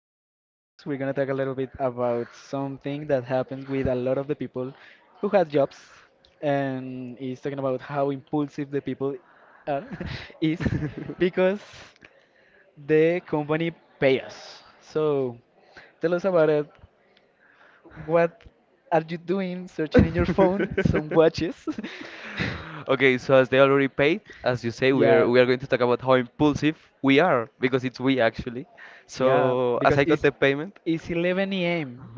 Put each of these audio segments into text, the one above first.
in this podcast. We're going to talk a little bit about something that happens with a lot of the people who have jobs and is talking about how impulsive the people are is because the company pay us. So tell us about it. What are you doing searching in your phone some watches? Okay, so as they already paid, as you say, we're Yeah, we are going to talk about how impulsive we are because it's we actually. yeah, So as because I got it's the payment, It's 11 a.m.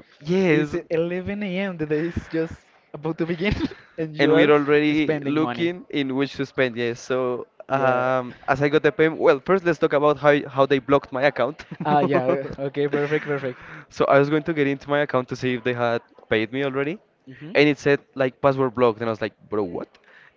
It's yes, 11 a.m. The day is just about to begin, and and you we're are already spending money. looking in which to spend. Yes, so Yeah. As I got the payment, well, first let's talk about how they blocked my account. Ah, yeah. Okay, perfect, perfect. So I was going to get into my account to see if they had paid me already, Hmm. and it said like password blocked, and I was like, bro, what?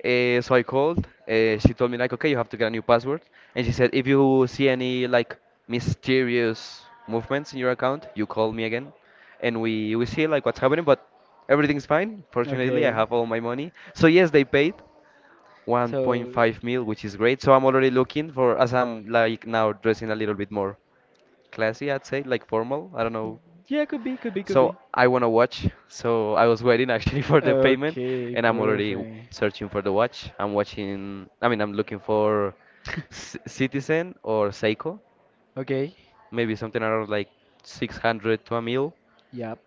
So I called, she told me like, okay, you have to get a new password. And she said, if you see any like mysterious movements in your account, you call me again, and we see like what's happening, but everything's fine. Fortunately, I Okay. have all my money, so yes, they paid So, 1.5 mil, which is great. So I'm already looking, for as I'm like now dressing a little bit more classy, I'd say, like formal, I don't know. yeah, could be, could be, could So be. I want to watch. So I was waiting, actually, for the payment, Okay, and I'm already perfect. searching for the watch. I'm watching. I mean, I'm looking for C Citizen or Seiko, Okay. maybe something around like 600 to a mil. Yep.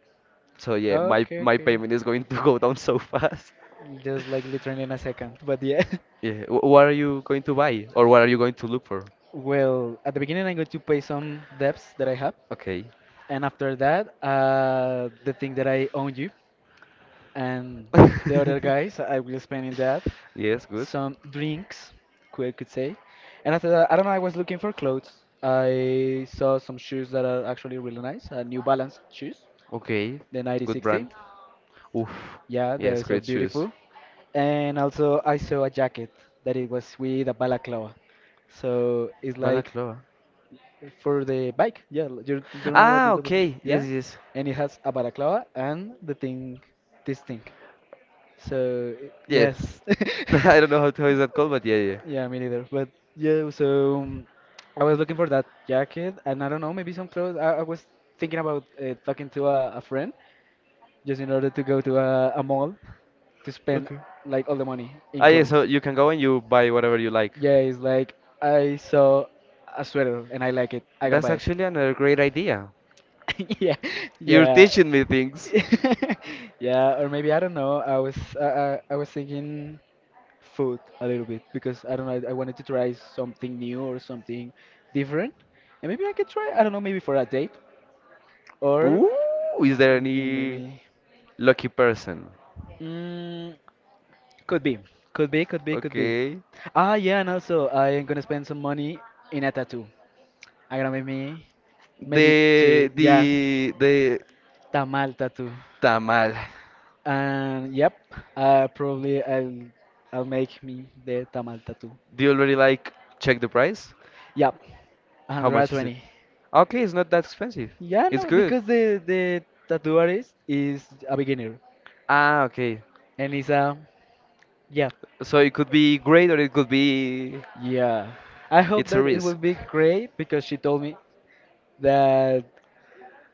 So yeah, my Okay, my okay. payment is going to go down so fast. Just like literally in a second, but yeah. Yeah, what are you going to buy, or what are you going to look for? Well, at the beginning, I'm going to pay some debts that I have, Okay. and after that, the thing that I owe you. And the other guys I will spend in that Yes, good. some drinks, we could say. And after that, I don't know, I was looking for clothes. I saw some shoes that are actually really nice, New Balance shoes, Okay, the good brand. 9060. Oof, Yeah, they're yes, so great shoes. beautiful. And also I saw a jacket that it was with a balaclava. So it's like Balaclava. for the bike. Yeah, you don't know what Ah, it was. okay. Yes, Yeah, yes. and it has a balaclava and the thing, this thing. So Yeah. yes, I don't know how is that called, but yeah, yeah. yeah, me neither. But yeah, so I was looking for that jacket, and I don't know, maybe some clothes. I was thinking about talking to a friend just in order to go to a mall to spend Okay. like all the money in Ah, yeah, so clothes. you can go and you buy whatever you like. Yeah, it's like I saw a sweater and I like it. I gotta That's buy it. actually another great idea. Yeah, You're yeah. teaching me things. Yeah. Or maybe I don't know. I was thinking food a little bit because I don't know. I wanted to try something new or something different, and maybe I could try. I don't know. Maybe for a date or Ooh, is there any maybe lucky person? mm, could be, could be, could be, could be. Okay. Ah, yeah, and also I am gonna spend some money in a tattoo. I'm gonna make me maybe two, The yeah, the the tamal tattoo. tamal. And yep, probably I'll make me the tamal tattoo. Do you already like check the price? Yep, How much is it? 120. Okay, it's not that expensive. Yeah, It's no, good. because the tattoo artist is a beginner Ah, okay. and is a yeah, So it could be great, or it could be, yeah. I hope it's a that it risk. will be great because she told me that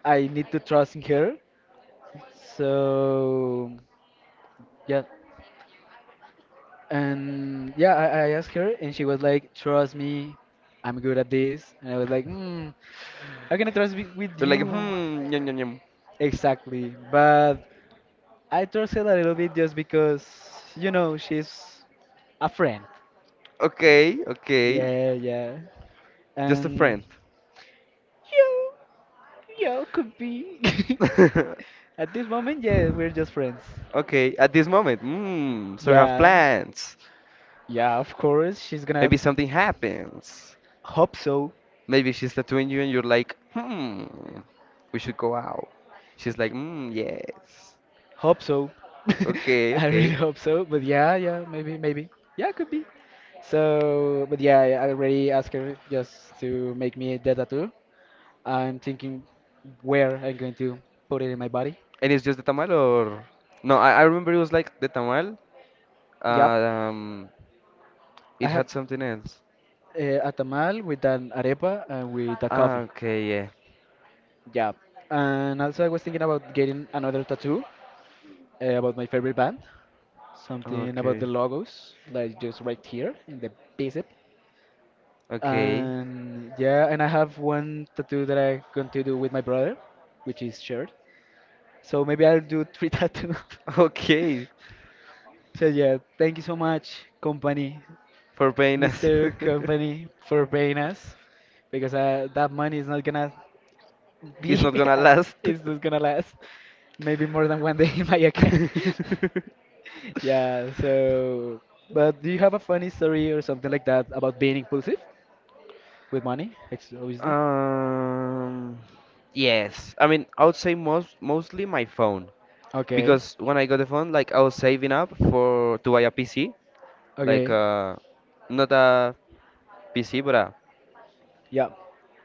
I need to trust in her. So yeah, and yeah, I asked her and she was like, "Trust me, I'm good at this." And I was like, "Hmm, how can I trust with You're like, you?" hmm, yum, yum, yum. Exactly, but I trust her a little bit just because you know she's a friend. Okay, okay, Yeah, yeah. just a And friend. yeah, yeah, could be. At this moment, yeah, we're just friends. Okay, at this moment, hmm, so we have Yeah, plans. yeah, of course. She's gonna Maybe something happens. hope so. Maybe she's tattooing you and you're like, hmm, we should go out. She's like, hmm, yes. Hope so. Okay, I really okay. hope so. But yeah, yeah, maybe, maybe. Yeah, could be. So, but yeah, I already asked her just to make me the tattoo. I'm thinking where I'm going to put it in my body. And it's just the tamal or... No, I remember it was like the tamal. Uh, Yep. um, I it have had something else. A tamal with an arepa and with a Ah, coffee. okay, yeah. Yeah, and also I was thinking about getting another tattoo about my favorite band, something about the Okay. logos, like just right here in the bicep. Okay. And yeah, and I have one tattoo that I going to do with my brother, which is shared. So maybe I'll do three tattoos. Okay, So yeah, thank you so much, company, for paying us. Mr. Company, for paying us, because that money is not gonna It's be, not gonna last. it's not gonna last. Maybe more than one day in my account. Yeah, so, but do you have a funny story or something like that about being impulsive with money? Obviously. um, yes, I mean, I would say mostly my phone, Okay, because when I got the phone, like, I was saving up for to buy a PC, like, okay, not a PC but a, yeah,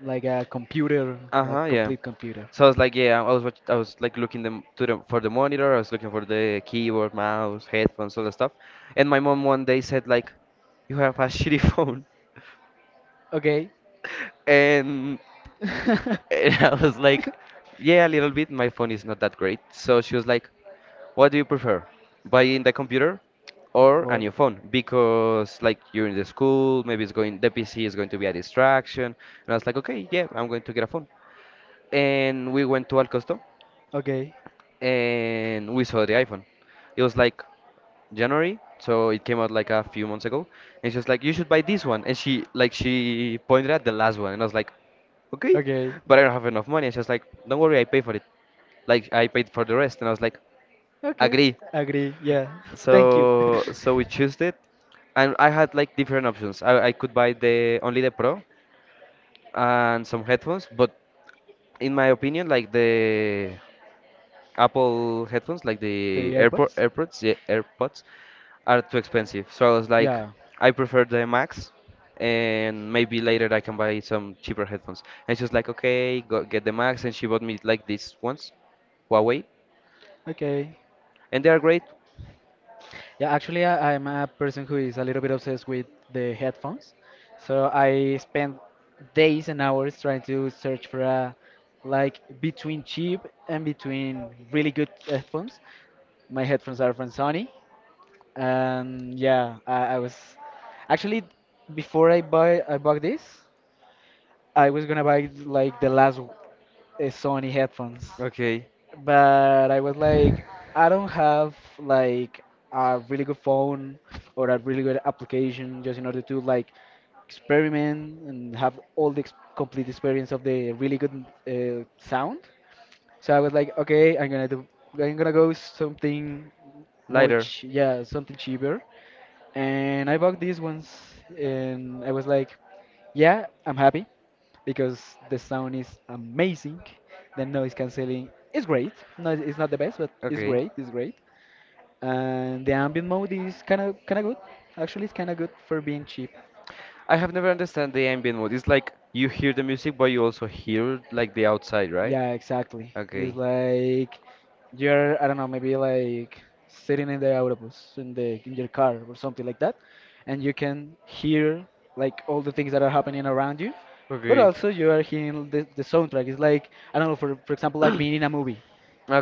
like a computer, uh huh, like yeah. complete computer. So I was like, yeah, I was like looking them to the for the monitor. I was looking for the keyboard, mouse, headphones, all that stuff. And my mom one day said like, "You have a shitty phone," Okay, And and I was like, yeah, a little bit. My phone is not that great. So she was like, what do you prefer, buying the computer or a or new phone? Because like you're in the school, maybe the PC is going to be a distraction. And I was like, okay, yeah, I'm going to get a phone. And we went to Al Costo, okay, and we saw the iPhone. It was like January, so it came out like a few months ago. And she was like, "You should buy this one." And she pointed at the last one, and I was like, "Okay," okay, but I don't have enough money. And she was like, "Don't worry, I pay for it." Like, I paid for the rest, and I was like, okay, "Agree." agree. Yeah, thank you. So we chose it, and I had like different options. I could buy the only the Pro and some headphones, but in my opinion, like the Apple headphones, like the They are, AirPods, yeah, AirPods, are too expensive. So I was like, yeah, I prefer the Max, and maybe later I can buy some cheaper headphones. And she was like, okay, go get the Max, and she bought me like these ones, Huawei, okay. and they are great. Yeah, actually, I'm a person who is a little bit obsessed with the headphones. So I spend days and hours trying to search for a like between cheap and between really good headphones. My headphones are from Sony, and yeah, I was actually before I buy I bought this, I was gonna buy like the last Sony headphones, Okay, but I was like, I don't have like a really good phone or a really good application just in order to like experiment and have all the ex complete experience of the really good sound. So I was like, okay, I'm gonna go something more, lighter. ch yeah, something cheaper. And I bought these ones, and I was like, yeah, I'm happy because the sound is amazing. The noise canceling is great. No, it's not the best, but it's Okay. great. It's great. And the ambient mode is kind of good. Actually, it's kind of good for being cheap. I have never understand the ambient mode. It's like you hear the music, but you also hear like the outside, right? Yeah, exactly. It's Okay. like you're I don't know, maybe like sitting in the autobus in your car or something like that, and you can hear like all the things that are happening around you. But Okay. also you are hearing the soundtrack. It's like I don't know, for example, like being in a movie.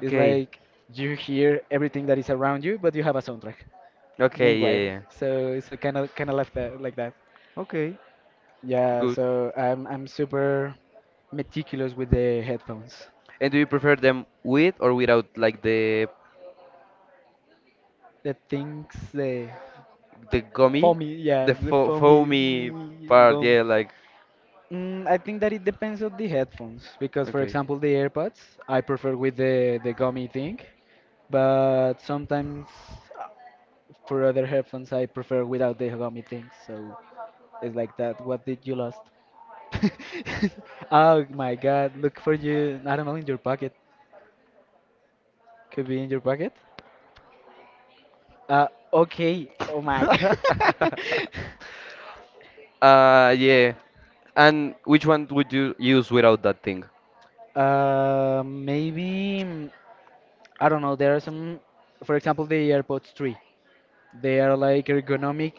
It's like you hear everything that is around you, but you have a soundtrack. Okay. Yeah. Meanwhile, Yeah. Yeah. so it's a kind of like that, like that. Okay. Yeah. Good. So I'm super meticulous with the headphones. And do you prefer them with or without like the The things the the gummy, foamy, yeah, the the fo foamy. foamy Mm, part? gum. Yeah, like, Mm, I think that it depends on the headphones because, for okay. example, the AirPods I prefer with the gummy thing, but sometimes uh, for other headphones I prefer without the gummy thing. So it's like that. What did you lost? Oh my God! Look for you. I don't know. In your pocket. Could be in your pocket. Uh. Okay. Oh my God. Yeah. And which one would you use without that thing? Maybe. mm, I don't know. There are some. For example, the AirPods 3. They are like ergonomic.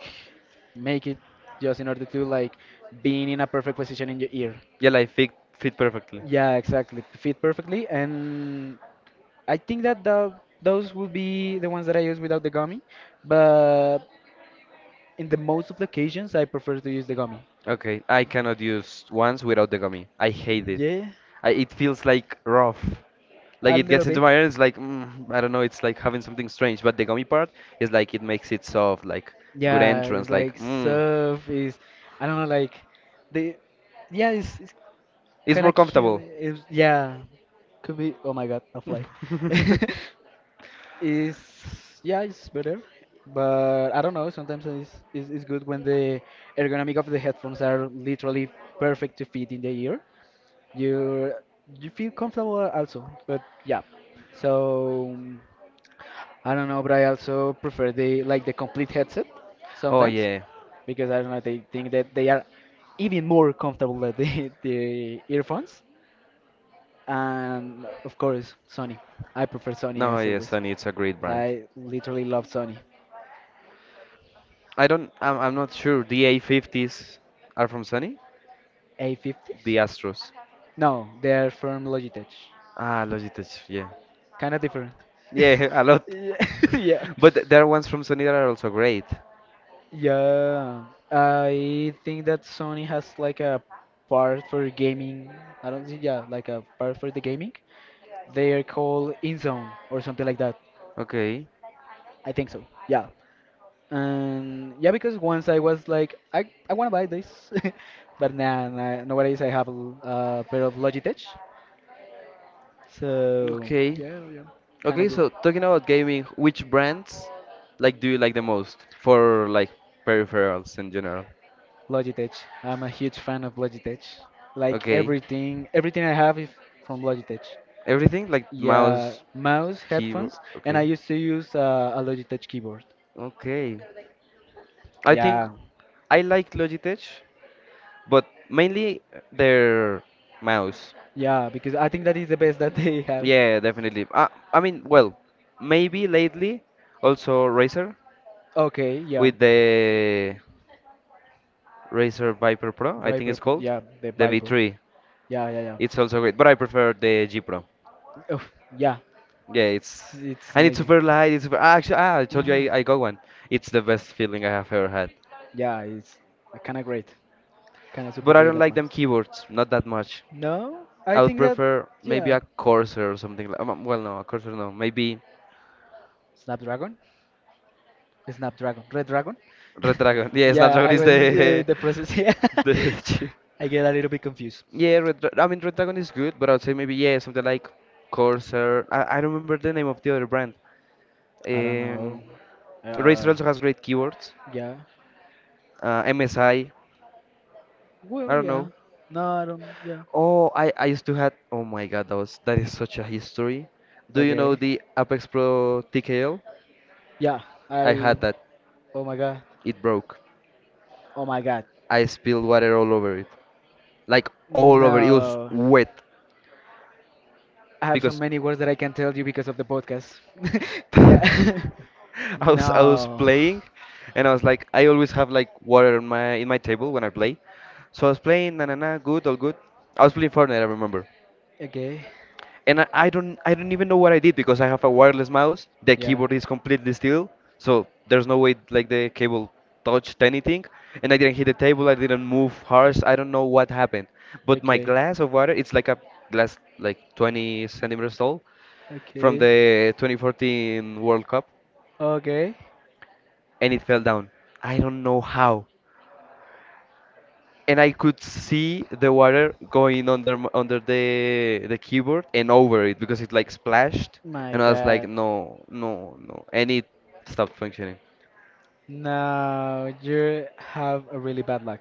Make it just in order to like being in a perfect position in your ear. Yeah, like fit perfectly. Yeah, exactly. Fit perfectly, and I think that those will be the ones that I use without the gummy, but in the most of the occasions, I prefer to use the gummy. Okay, I cannot use ones without the gummy. I hate it. Yeah, It feels like rough. Like, a it little gets into bit. my ear. It's like, I don't know. It's like having something strange. But the gummy part is like it makes it soft, like good Yeah, it's entrance, like like mm. surf is, I don't know, like the, yeah, it's It's kind more of cute. comfortable. It's, yeah, could be. Oh my God, a fly. Is Yeah, it's better, but I don't know. Sometimes it's good when the ergonomic of the headphones are literally perfect to fit in the ear. you you feel comfortable also, but yeah, so I don't know, but I also prefer the complete headset Oh sometimes yeah. because I don't know, they think that they are even more comfortable than the, the earphones. And of course Sony, I prefer Sony No, as yeah, always. Sony, it's a great brand. I literally love Sony. I don't, I'm not sure. The A50s are from Sony? The A50s, Astros. no, they're from Logitech. Ah, Logitech, yeah. Kind of different. Yeah, a lot. Yeah. Yeah. But there are ones from Sony that are also great. Yeah, I think that Sony has like a part for gaming. I don't think, yeah, like a part for the gaming. They are called InZone or something like that. Okay. I think so. Yeah. And yeah, because once I was like, I want to buy this, but nah, nah, nowadays I have a pair of Logitech. So Okay. yeah, yeah, kind of Okay, good. so talking about gaming, which brands, like, do you like the most for like peripherals in general? Logitech. I'm a huge fan of Logitech. Like Okay. everything, everything I have is from Logitech. Everything like Yeah, mouse, mouse, keyboard, headphones, and I okay. used to use a Logitech keyboard. Okay. I think Yeah, I like Logitech, but mainly their mouse. yeah, because I think that is the best that they have. Yeah, definitely. I mean, well, maybe lately also Razer Okay, yeah, with the Razer Viper Pro, I think Viper, it's called, yeah, the the Viper. V3. Yeah, yeah, yeah. It's also great, but I prefer the G Pro. Oh, yeah, Yeah, it's it's and it's amazing. super light. It's super, actually, I told you, Hmm. I got one. It's the best feeling I have ever had. Yeah, it's kind of great, kind of super But I great don't that like them mouse. keyboards, not that much. No, I I would think that prefer maybe yeah, a Corsair or something like. Well, no, a Corsair, no. Maybe Snapdragon, Snapdragon, Red Dragon. Redragon. Yeah, Yeah, Snapdragon I is was the the process. Yeah, the chip. I get a little bit confused. Yeah, I mean, Red Dragon is good, but I'd say maybe yeah, something like Corsair. I don't remember the name of the other brand. I don't Um, know. Razer Uh, also has great keyboards. yeah. MSI. I Well, don't yeah. know. No, I don't. Yeah. Oh, I used to had. Oh my God, that is such a history. Do you know Okay. the Apex Pro TKL? Yeah. I I. had that. Oh my god. It broke. Oh my god. I spilled water all over it. Like, all over. It was No. wet I have so because many words that I can tell you because of the podcast. Yeah. I I was No. playing, and I was like, I always have like water on my in my table when I play. So I was playing, na na na, good, all good. I was playing Fortnite, I remember. Okay. And I don't even know what I did, because I have a wireless mouse. The Yeah. keyboard is completely still, so there's no way like the cable touched anything. And I didn't hit the table. I didn't move harsh. I don't know what happened. But my Okay. glass of water, it's like a glass like 20 centimeters tall from Okay. the 2014 World Cup, Okay. and it fell down. I don't know how. And I could see the water going under the keyboard and over it, because it like splashed, My and I was like, god. no, no, no, and it stopped functioning. No, you have a really bad luck.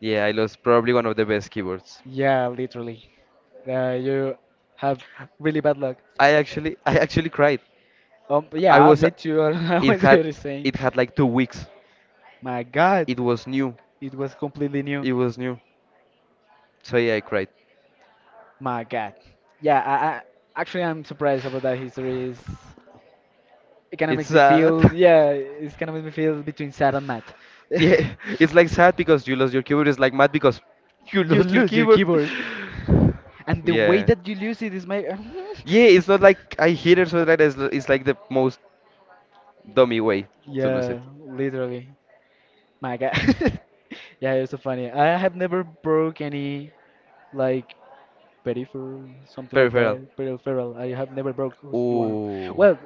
Yeah, I lost probably one of the best keyboards. Yeah, literally. You have really bad luck. I actually cried. I Yeah, was me too. I it went to had do the same. it had like 2 weeks. My God, It was new. it was completely new. It was new. So yeah, I cried. My God. Yeah, I'm surprised about that history. Is it kind of It's makes me sad. feel, yeah, it's kind of makes me feel between sad and mad. Yeah, it's like sad because you lost your keyboard. It's like mad because you You lost your lose your keyboard. keyboard, and the way Yeah. that you lose it is my Yeah, it's not like I hit it, so that it's like the most dummy way to lose yeah, it. literally. My God. Yeah, it was so funny. I have never broke any like peripheral, something like Peripheral. that. Peripheral. I have never broke you one. Ooh. Well,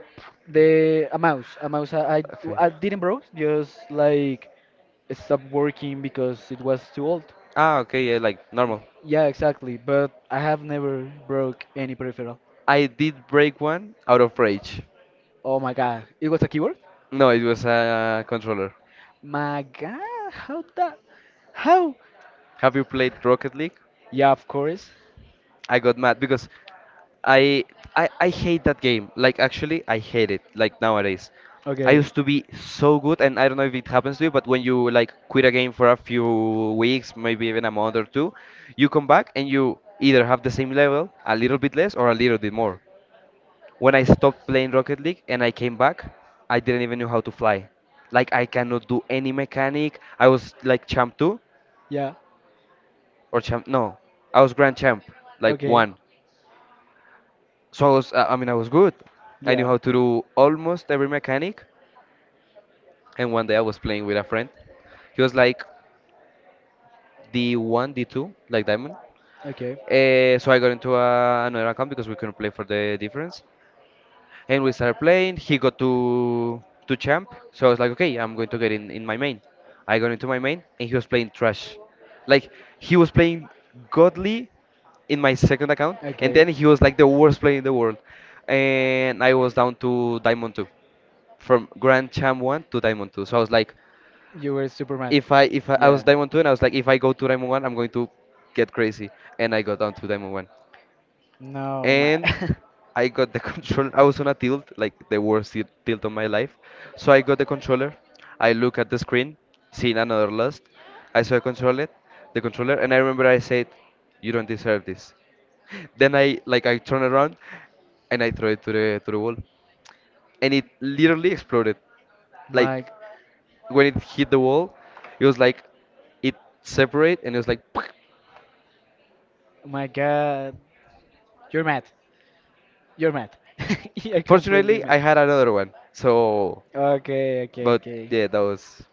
the a mouse. I, I Okay. I didn't broke. Just like it stopped working because it was too old. Ah, okay, yeah, like normal. Yeah, exactly. But I have never broke any peripheral. I did break one out of rage. Oh my god, it was a keyboard. No, it was a controller. My god, how that? How? Have you played Rocket League? Yeah, of course. I got mad because I, I hate that game. Like, actually, I hate it. Like, nowadays, I Okay. used to be so good, and I don't know if it happens to you, but when you like quit a game for a few weeks, maybe even a month or two, you come back and you either have the same level, a little bit less, or a little bit more. When I stopped playing Rocket League and I came back, I didn't even know how to fly. Like, I cannot do any mechanic. I was like champ two, Yeah. or champ no, I was grand champ, like Okay. one. So I was, I mean, I was good. I knew Yeah. how to do almost every mechanic. And one day I was playing with a friend. He was like D1, D2, like diamond. Okay. So I got into another account because we couldn't play for the difference. And we started playing. He got to champ, so I was like, okay, I'm going to get in my main. I got into my main, and he was playing trash. Like he was playing godly in my second account, and Okay. then he was like the worst player in the world, and I was down to diamond two, from grand champ one to diamond two. So I was like, You were super mad. If I, I was Yeah. diamond two, and I was like, if I go to diamond one, I'm going to get crazy, and I got down to diamond one No, my and I got the control. I was on a tilt, like the worst tilt of my life. So I got the controller. I look at the screen, seen another lust. I saw a controller, the controller, and I remember I said, "You don't deserve this." Then I like I turn around, and I throw it to the wall, and it literally exploded. my Like when it hit the wall, it was like it separate, and it was like. my God, you're mad. You're mad. Yeah, completely Fortunately, mad. I had another one, so. Okay, okay, But okay. yeah, that was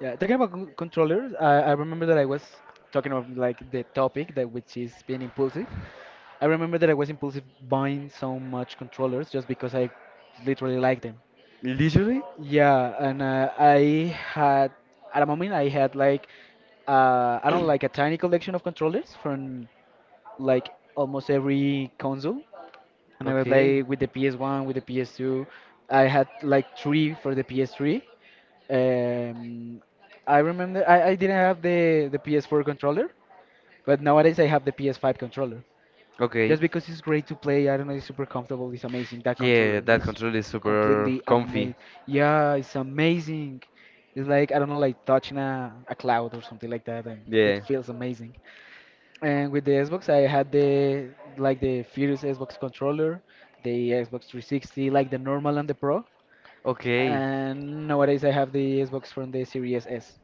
Yeah, talking about controllers, I remember that I was talking about like the topic that which is being impulsive. I remember that I was impulsive buying so much controllers just because I literally like them. literally. Yeah, and I had at a moment I had like I don't know, like a tiny collection of controllers from like almost every console, and I was Okay. like with the PS1, with the PS2. I had like three for the PS3. Um, I remember I didn't have the PS4 controller, but nowadays I have the PS5 controller. Okay. Just because it's great to play, I don't know, it's super comfortable, it's amazing. That Yeah, controller that is control is super completely comfy. amazing. Yeah, it's amazing. It's like, I don't know, like touching a cloud or something like that, and it Yeah. feels amazing. And with the Xbox, I had the like the Furious Xbox controller, the Xbox 360, like the normal and the Pro. Okay. And nowadays, I have the Xbox from the Series S.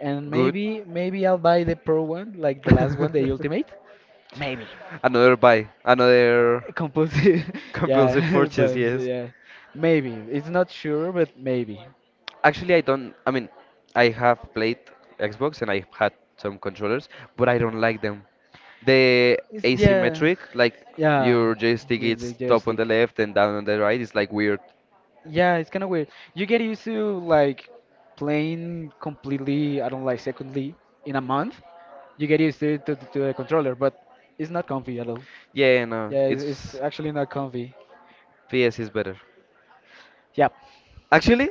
And Good. maybe I'll buy the Pro one, like the last one, the Ultimate. Maybe. Another buy. Another Compulsive. compulsive yeah, purchase, but so yes. yeah, maybe. It's not sure, but maybe. Actually, I don't. I mean, I have played Xbox and I had some controllers, but I don't like them. The It's yeah, asymmetric, like yeah, your joystick with the is top on the joystick. left and down on the right, is like weird. Yeah, it's kind of weird. You get used to like playing completely, I don't like secondly in a month. You get used to, it to the controller, but it's not comfy at all. Yeah, no, Yeah, it's it's actually not comfy. PS is better. Yeah, Actually,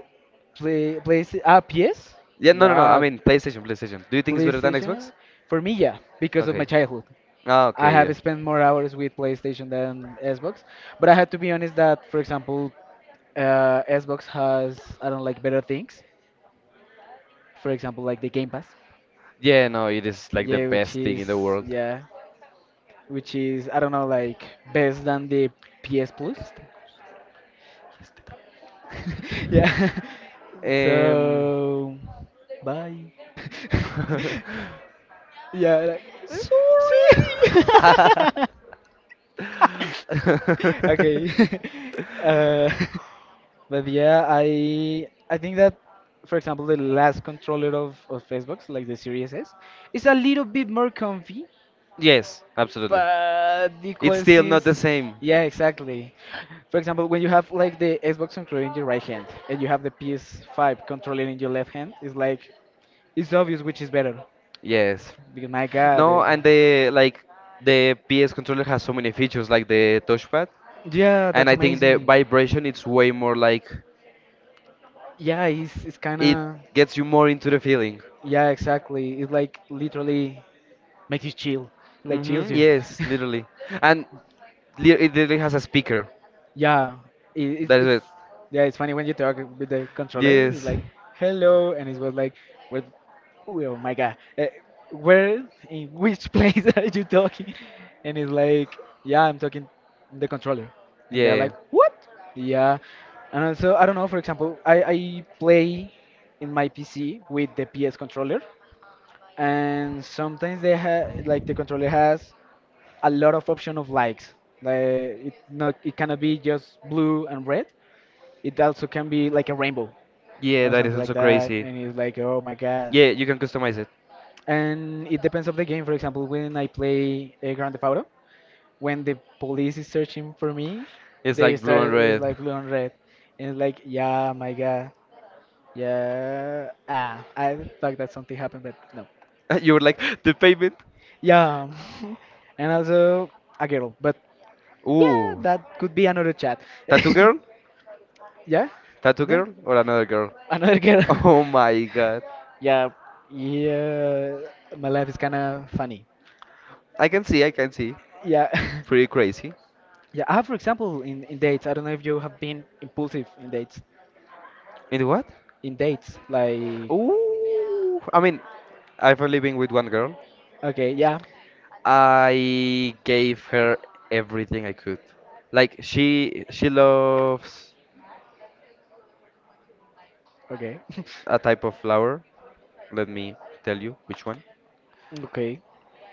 play play ah PS? yeah, no, no, no. I Yeah, mean, PlayStation, PlayStation. Do you think it's better than PlayStation. Xbox? For me, yeah, because of my Okay. childhood. Ah, I okay, yeah. have spent more hours with PlayStation than Xbox, but I have to be honest that, for example, Xbox has I don't like better things. For example, like the Game Pass. Yeah, no, it is like the best thing in the world. Yeah, which is I don't know like best than the PS Plus. Este, este. yeah. Um, So bye. yeah. Like, sorry. sorry. okay. uh, but yeah, I think that for example the last controller of Xbox, like the Series S, is a little bit more comfy Yes, absolutely. but the It's still not the consequences same. yeah exactly. For example, when you have like the Xbox controller in your right hand and you have the PS5 controller in your left hand, it's like it's obvious which is better Yes. because my god the- No, and the like the PS controller has so many features like the touchpad. yeah, And that's I think the amazing. vibration it's way more like Yeah, it's kind it of gets you more into the feeling. yeah exactly. It's like literally makes you chill, like chills Hmm you. yes, literally, and it literally has a speaker. Yeah, it, it's That is it's it. yeah, it's funny when you talk with the controller. It's Yes, like hello, and it was like, with, oh my god, where in which place are you talking? And it's like, yeah, I'm talking the controller, and they're yeah, like, what? Yeah, and also I don't know. For example, I play in my PC with the PS controller, and sometimes they have like the controller has a lot of option of lights. Like it not it cannot be just blue and red. It also can be like a rainbow yeah. or That is something like also that. crazy. And it's like, oh my god. Yeah, you can customize it. And it depends of the game. For example, when I play a Grand Theft Auto, when the police is searching for me, It's they like blue and start it's red. like blue and red, and it's like, yeah, my god, yeah. Ah, I thought that something happened, but no. You were like the payment. Yeah, and also a girl, but yeah, Ooh, that could be another chat. tattoo girl, Yeah, tattoo yeah. girl, or another girl. Another girl. Oh my god, yeah, yeah. My life is kind of funny. I can see, I can see. Yeah, Pretty crazy. yeah. I have, for example, in dates. I don't know if you have been impulsive in dates. In the what? In dates, like, Ooh, I mean, I've only been with one girl. okay, yeah, I gave her everything I could. Like she loves okay, a type of flower. Let me tell you which one. okay,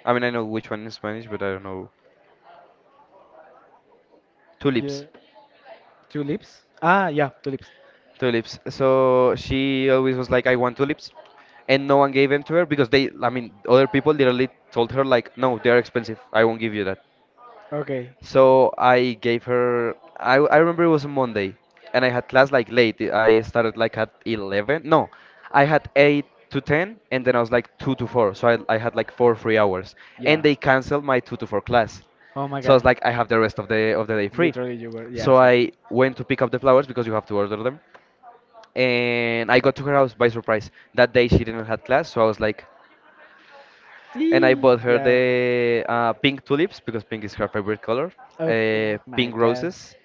I mean, I know which one in Spanish, but I don't know. yeah. Tulips. Two lips. Ah, yeah, two lips. Tulips. So she always was like, I want tulips. And no one gave them to her because they, I mean, other people literally told her like, no, they're expensive. I won't give you that. Okay, So I gave her, I remember it was a Monday, and I had class like late. I started like at 11. No, I had 8 to 10, and then I was like 2 to 4. So I had like 4 free hours. And yeah. they canceled my 2 to 4 class. Oh my So I was God, like, I have the rest of the day free. literally, you were. Yeah, So exactly. I went to pick up the flowers because you have to order them. And I got to her house by surprise. That day she didn't have class, so I was like, and I Eee, bought her yeah. the pink tulips because pink is her favorite color. Okay. Oh my Pink God, roses.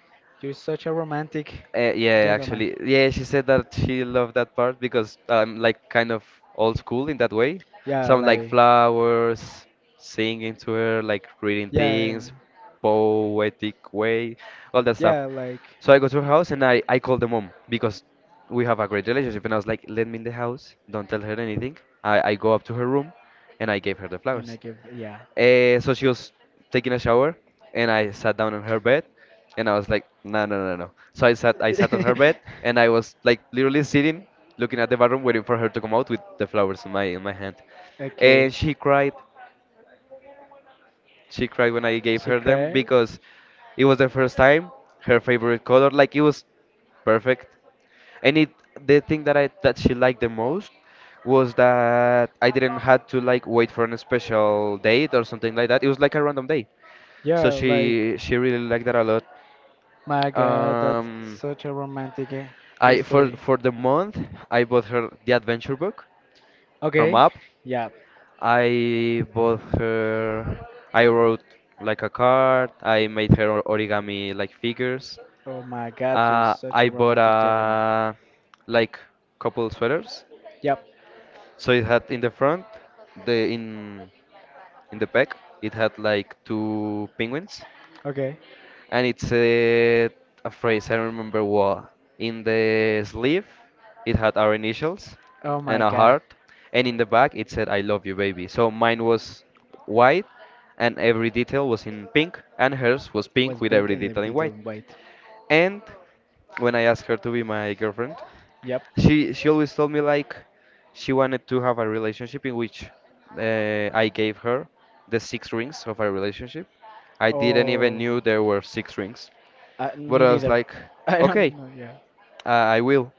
you're such a romantic Yeah, gentleman. actually, yeah, she said that she loved that part because I'm like kind of old school in that way. Yeah, Some like like. flowers, singing to her, like reading Yeah, things, poetic way, all that stuff. yeah, like, So I go to her house and I call the mom because we have a great relationship. And I was like, let me in the house, don't tell her anything. I go up to her room and I gave her the and I flowers. give, yeah. So she was taking a shower, and I sat down on her bed, and I was like, no, no, no, no. So I sat on her bed, and I was like literally sitting, looking at the bathroom, waiting for her to come out with the flowers in my hand, and Okay, she cried when I gave she her them cried. because it was the first time her favorite color. Like it was perfect. And it the thing that I that she liked the most was that I didn't have to like wait for a special date or something like that. It was like a random day. So Yeah, like, she really liked that a lot. my God, that's Um, such a romantic I for history. for the month I bought her the adventure book from Okay, Up. yeah. I bought her, I wrote like a card, I made her origami like figures. Oh my God, you're such I a bought romantic gentleman. a like couple sweaters. Yep. So it had in the front, the in the back, it had like two penguins Okay. and it said a phrase I don't remember what in the sleeve it had our initials Oh my and a God, heart, and in the back it said I love you baby. So mine was white and every detail was in pink and hers was pink was with pink every in every detail in detail. white. Wait. And when I asked her to be my girlfriend, Yep. she always told me like she wanted to have a relationship in which I gave her the six rings of a relationship. I didn't even knew Oh, there were six rings, but me I was neither. like, I don't okay, know. Yeah. I will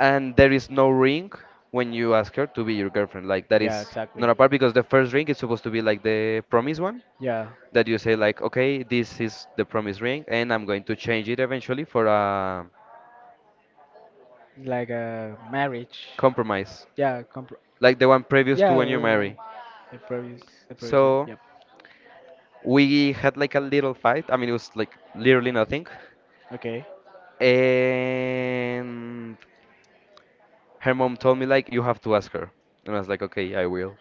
and there is no ring when you ask her to be your girlfriend. Like that Yeah, is exactly. not a part because the first ring is supposed to be like the promise one Yeah, that you say like, okay, this is the promise ring, and I'm going to change it eventually for a like a marriage. compromise, Yeah, comp like the one previous to yeah, when you marry. The previous one. So Yep. we had like a little fight. I mean, it was like literally nothing, Okay. and her mom told me like, you have to ask her, and I was like, okay, I will.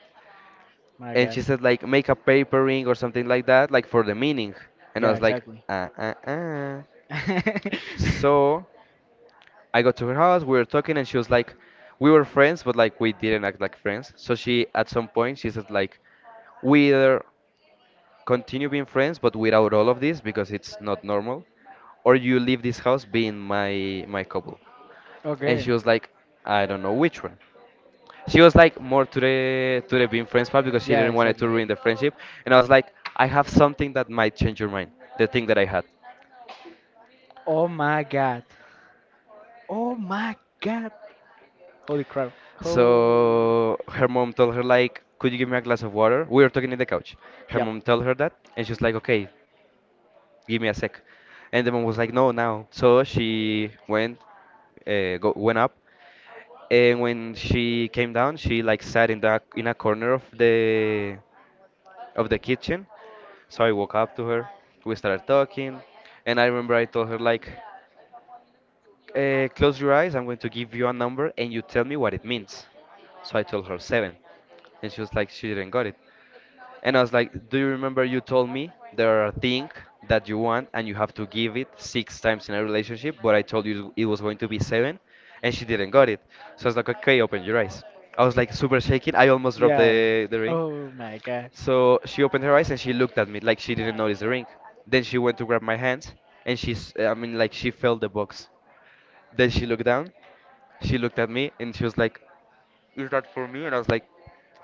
My And God. she said like make a papering or something like that like for the meaning and I Yeah, was like exactly. uh, uh, uh. So I got to her house, we were talking, and she was like, we were friends but like we didn't act like friends, so she at some point she said like, we either continue being friends but without all of this because it's not normal, or you leave this house being my couple. And okay. she was like, I don't know which one. She was like more to the being friends part because she Yeah, didn't want it to exactly. ruin the friendship. And I was like, I have something that might change your mind, the thing that I had. Oh my God. Oh my God. Holy crap. Oh. So her mom told her like, could you give me a glass of water? We were talking in the couch. Her Yep. mom told her that and she was like, okay, give me a sec. And the mom was like, no, now. So she went up, and when she came down she like sat in a corner of the kitchen. So I walk up to her, we started talking, and I remember I told her like, close your eyes, I'm going to give you a number and you tell me what it means. So I told her seven, and she was like, she didn't got it. And I was like, do you remember you told me there are things that you want and you have to give it six times in a relationship, but I told you it was going to be seven, and she didn't got it. So I was like, okay, open your eyes. I was like super shaking. I almost dropped Yeah. the ring. Oh my God. So she opened her eyes and she looked at me like she didn't notice the ring. Then she went to grab my hand and I mean, like she felt the box. Then she looked down, she looked at me and she was like, is that for me? And I was like,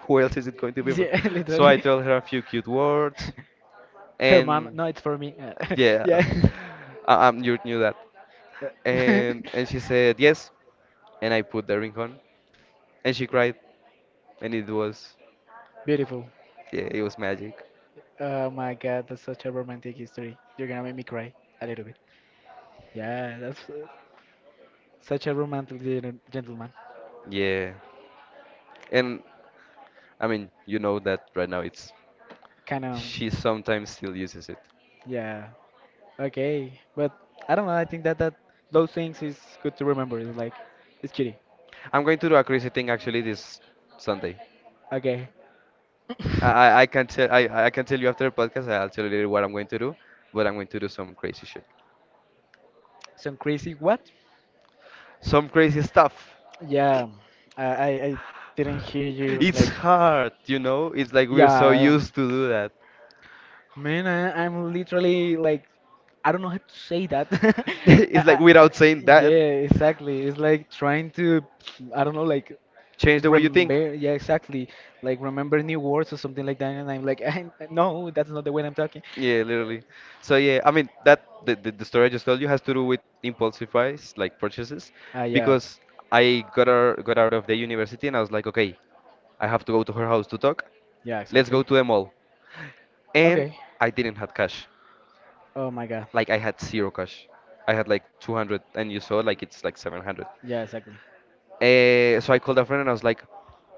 who else is it going to be for? Yeah, So I literally. told her a few cute words Her mom. and No, it's for me. Yeah, yeah. You knew that. Yeah. And she said, yes. And I put the ring on and she cried and it was, Beautiful. yeah, it was magic. Oh my God, that's such a romantic history. You're gonna make me cry a little bit. Yeah, that's such a romantic gentleman. Yeah. And I mean, you know that right now it's Kind of, she sometimes still uses it. yeah. Okay, but I don't know. I think that that those things is good to remember. It's like, it's kitty. I'm going to do a crazy thing actually this Sunday. Okay. I I, I can tell I, I can tell you after the podcast. I'll tell you later what I'm going to do, but I'm going to do some crazy shit, Some crazy what? some crazy stuff. Yeah, I didn't hear you. It's Like, hard. It's like we're so yeah, used to do that. man, I'm literally like, I don't know how to say that. It's like I, I, I- without saying that, yeah, exactly. It's like trying to, I don't know, like change the way you think. remember yeah exactly, like remember new words or something like that, and I'm like no, that's not the way I'm talking. Yeah, literally. So yeah, I mean that the story I just told you has to do with impulsive buys, like purchases, Yeah because I got out of the university and I was like, okay, I have to go to her house to talk. yeah Let's go exactly. to the mall. And Okay. I didn't have cash. Oh my god. Like I had zero cash. I had like 200 and you saw like it's like 700. Yeah exactly. So I called a friend and I was like,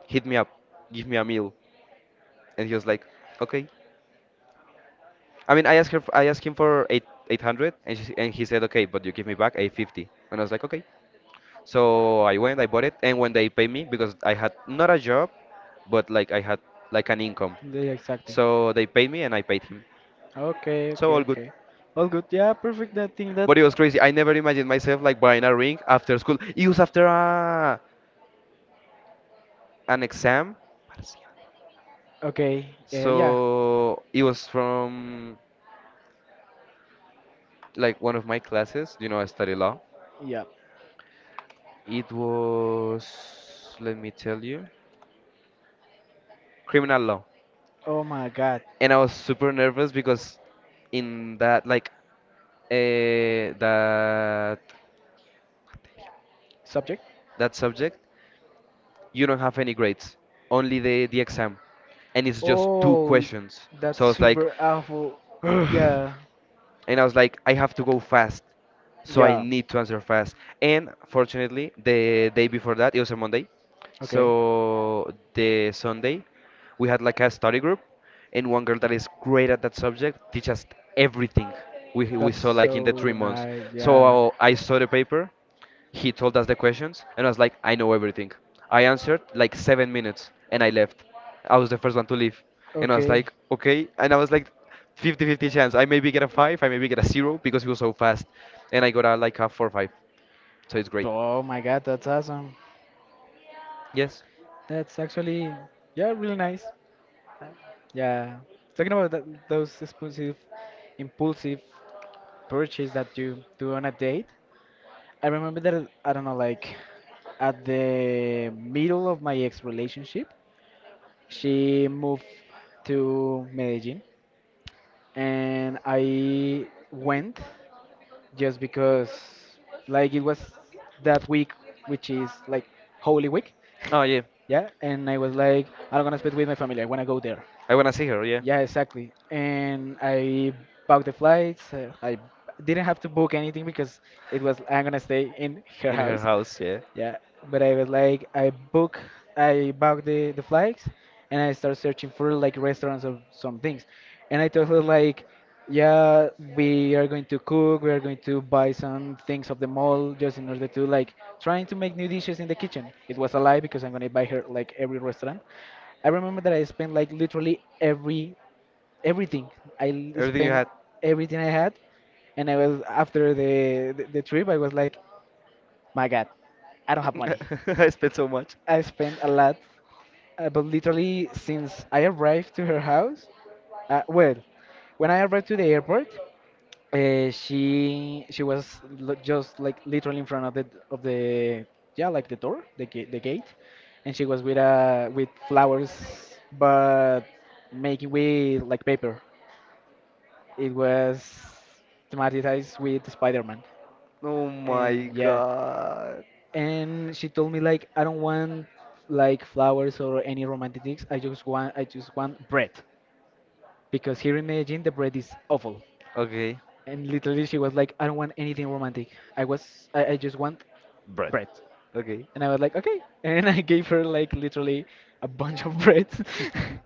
hit me up, give me a meal. And he was like, okay. I mean, I asked her, I asked him for 800, and, she, and he said, okay, but you give me back 850. And I was like, okay. So I went, I bought it, and when they paid me, because I had not a job, but like I had like an income, Yeah exactly. so they paid me and I paid him. Okay, So okay, all good. okay. All good. Yeah, perfect. I think that But it was crazy. I never imagined myself like buying a ring after school. It was after an exam, okay yeah yeah so it was from like one of my classes. You know, I study law. yeah It was, let me tell you, criminal law, oh my god and I was super nervous because in that uh, that subject. that subject, you don't have any grades, only the exam, and it's just two Oh, questions. So I that's was like, super awful. Yeah. and I was like, I have to go fast, so I Yeah. need to answer fast. And fortunately, the day before that, it was a Monday, Okay. so the Sunday, we had like a study group, and one girl that is great at that subject teach us everything we That's saw like in the three so months. nice, yeah. So I saw the paper, he told us the questions, and I was like, I know everything. I answered like 7 minutes, and I left. I was the first one to leave, and I was Okay. like, okay. And I was like, 50-50 chance. I maybe get a five, I maybe get a zero because he was so fast, and I got a like a 4.5. So it's great. Oh my god, that's awesome. Yes. That's actually, yeah, really nice. Yeah. Talking about that, those impulsive, impulsive purchase that you do on a date, I remember that, I don't know, like at the middle of my ex relationship, she moved to Medellin and I went just because, like, it was that week, which is like Holy Week. Oh yeah. Yeah, and I was like, I don't gonna spend with my family. I wanna go there. I wanna see her. Yeah. Yeah, exactly. And I booked the flights. I didn't have to book anything because it was I'm gonna stay in her In her house. house. Yeah. Yeah, but I was like, I book, I booked the flights, and I start searching for like restaurants or some things. And I told her like. Yeah, we are going to cook, we are going to buy some things of the mall just in order to like trying to make new dishes in the kitchen. It was a lie because I'm gonna buy her like every restaurant. I remember that I spent like literally everything. Everything you Spent had. everything I had, and I was after the trip. I was like, my God, I don't have money. I spent so much. I spent a lot, but literally since I arrived to her house, well, when I arrived to the airport, she was l just like literally in front of the yeah like the gate, and she was with flowers, but making with like paper. It was thematized with Spider-Man, Oh my and yeah, god. and she told me like I don't want like flowers or any romantic things. I just want bread because here in Medellin the bread is awful. Okay. And literally, she was like, I don't want anything romantic. I just want bread. Okay. And I was like, okay. And I gave her like literally a bunch of bread.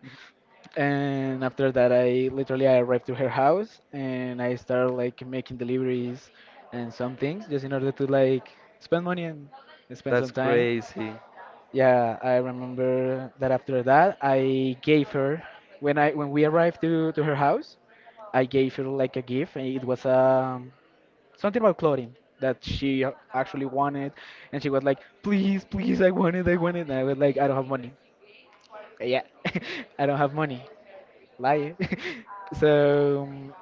and after that, I literally I arrived to her house and I started like making deliveries and some things just in order to like spend money and spend That's some time. crazy. Yeah, I remember that after that, I gave her when I when we arrived to her house, I gave her like a gift. And it was a something about clothing that she actually wanted, and she was like, "Please, please, I want it, I want it." And I was like, "I don't have money." Yeah, I don't have money. Lie. so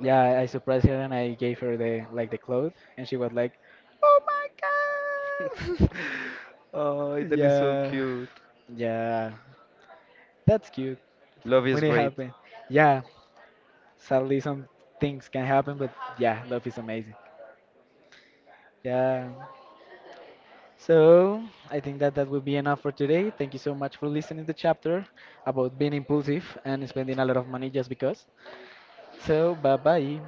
yeah, I surprised her and I gave her the like the clothes, and she was like, "Oh my god!" Oh, that is so yeah, cute. yeah, that's cute Love is when it great. happened. Yeah, sadly some things can happen, but yeah, love is amazing. Yeah. So I think that that will be enough for today. Thank you so much for listening to the chapter about being impulsive and spending a lot of money just because. So bye bye.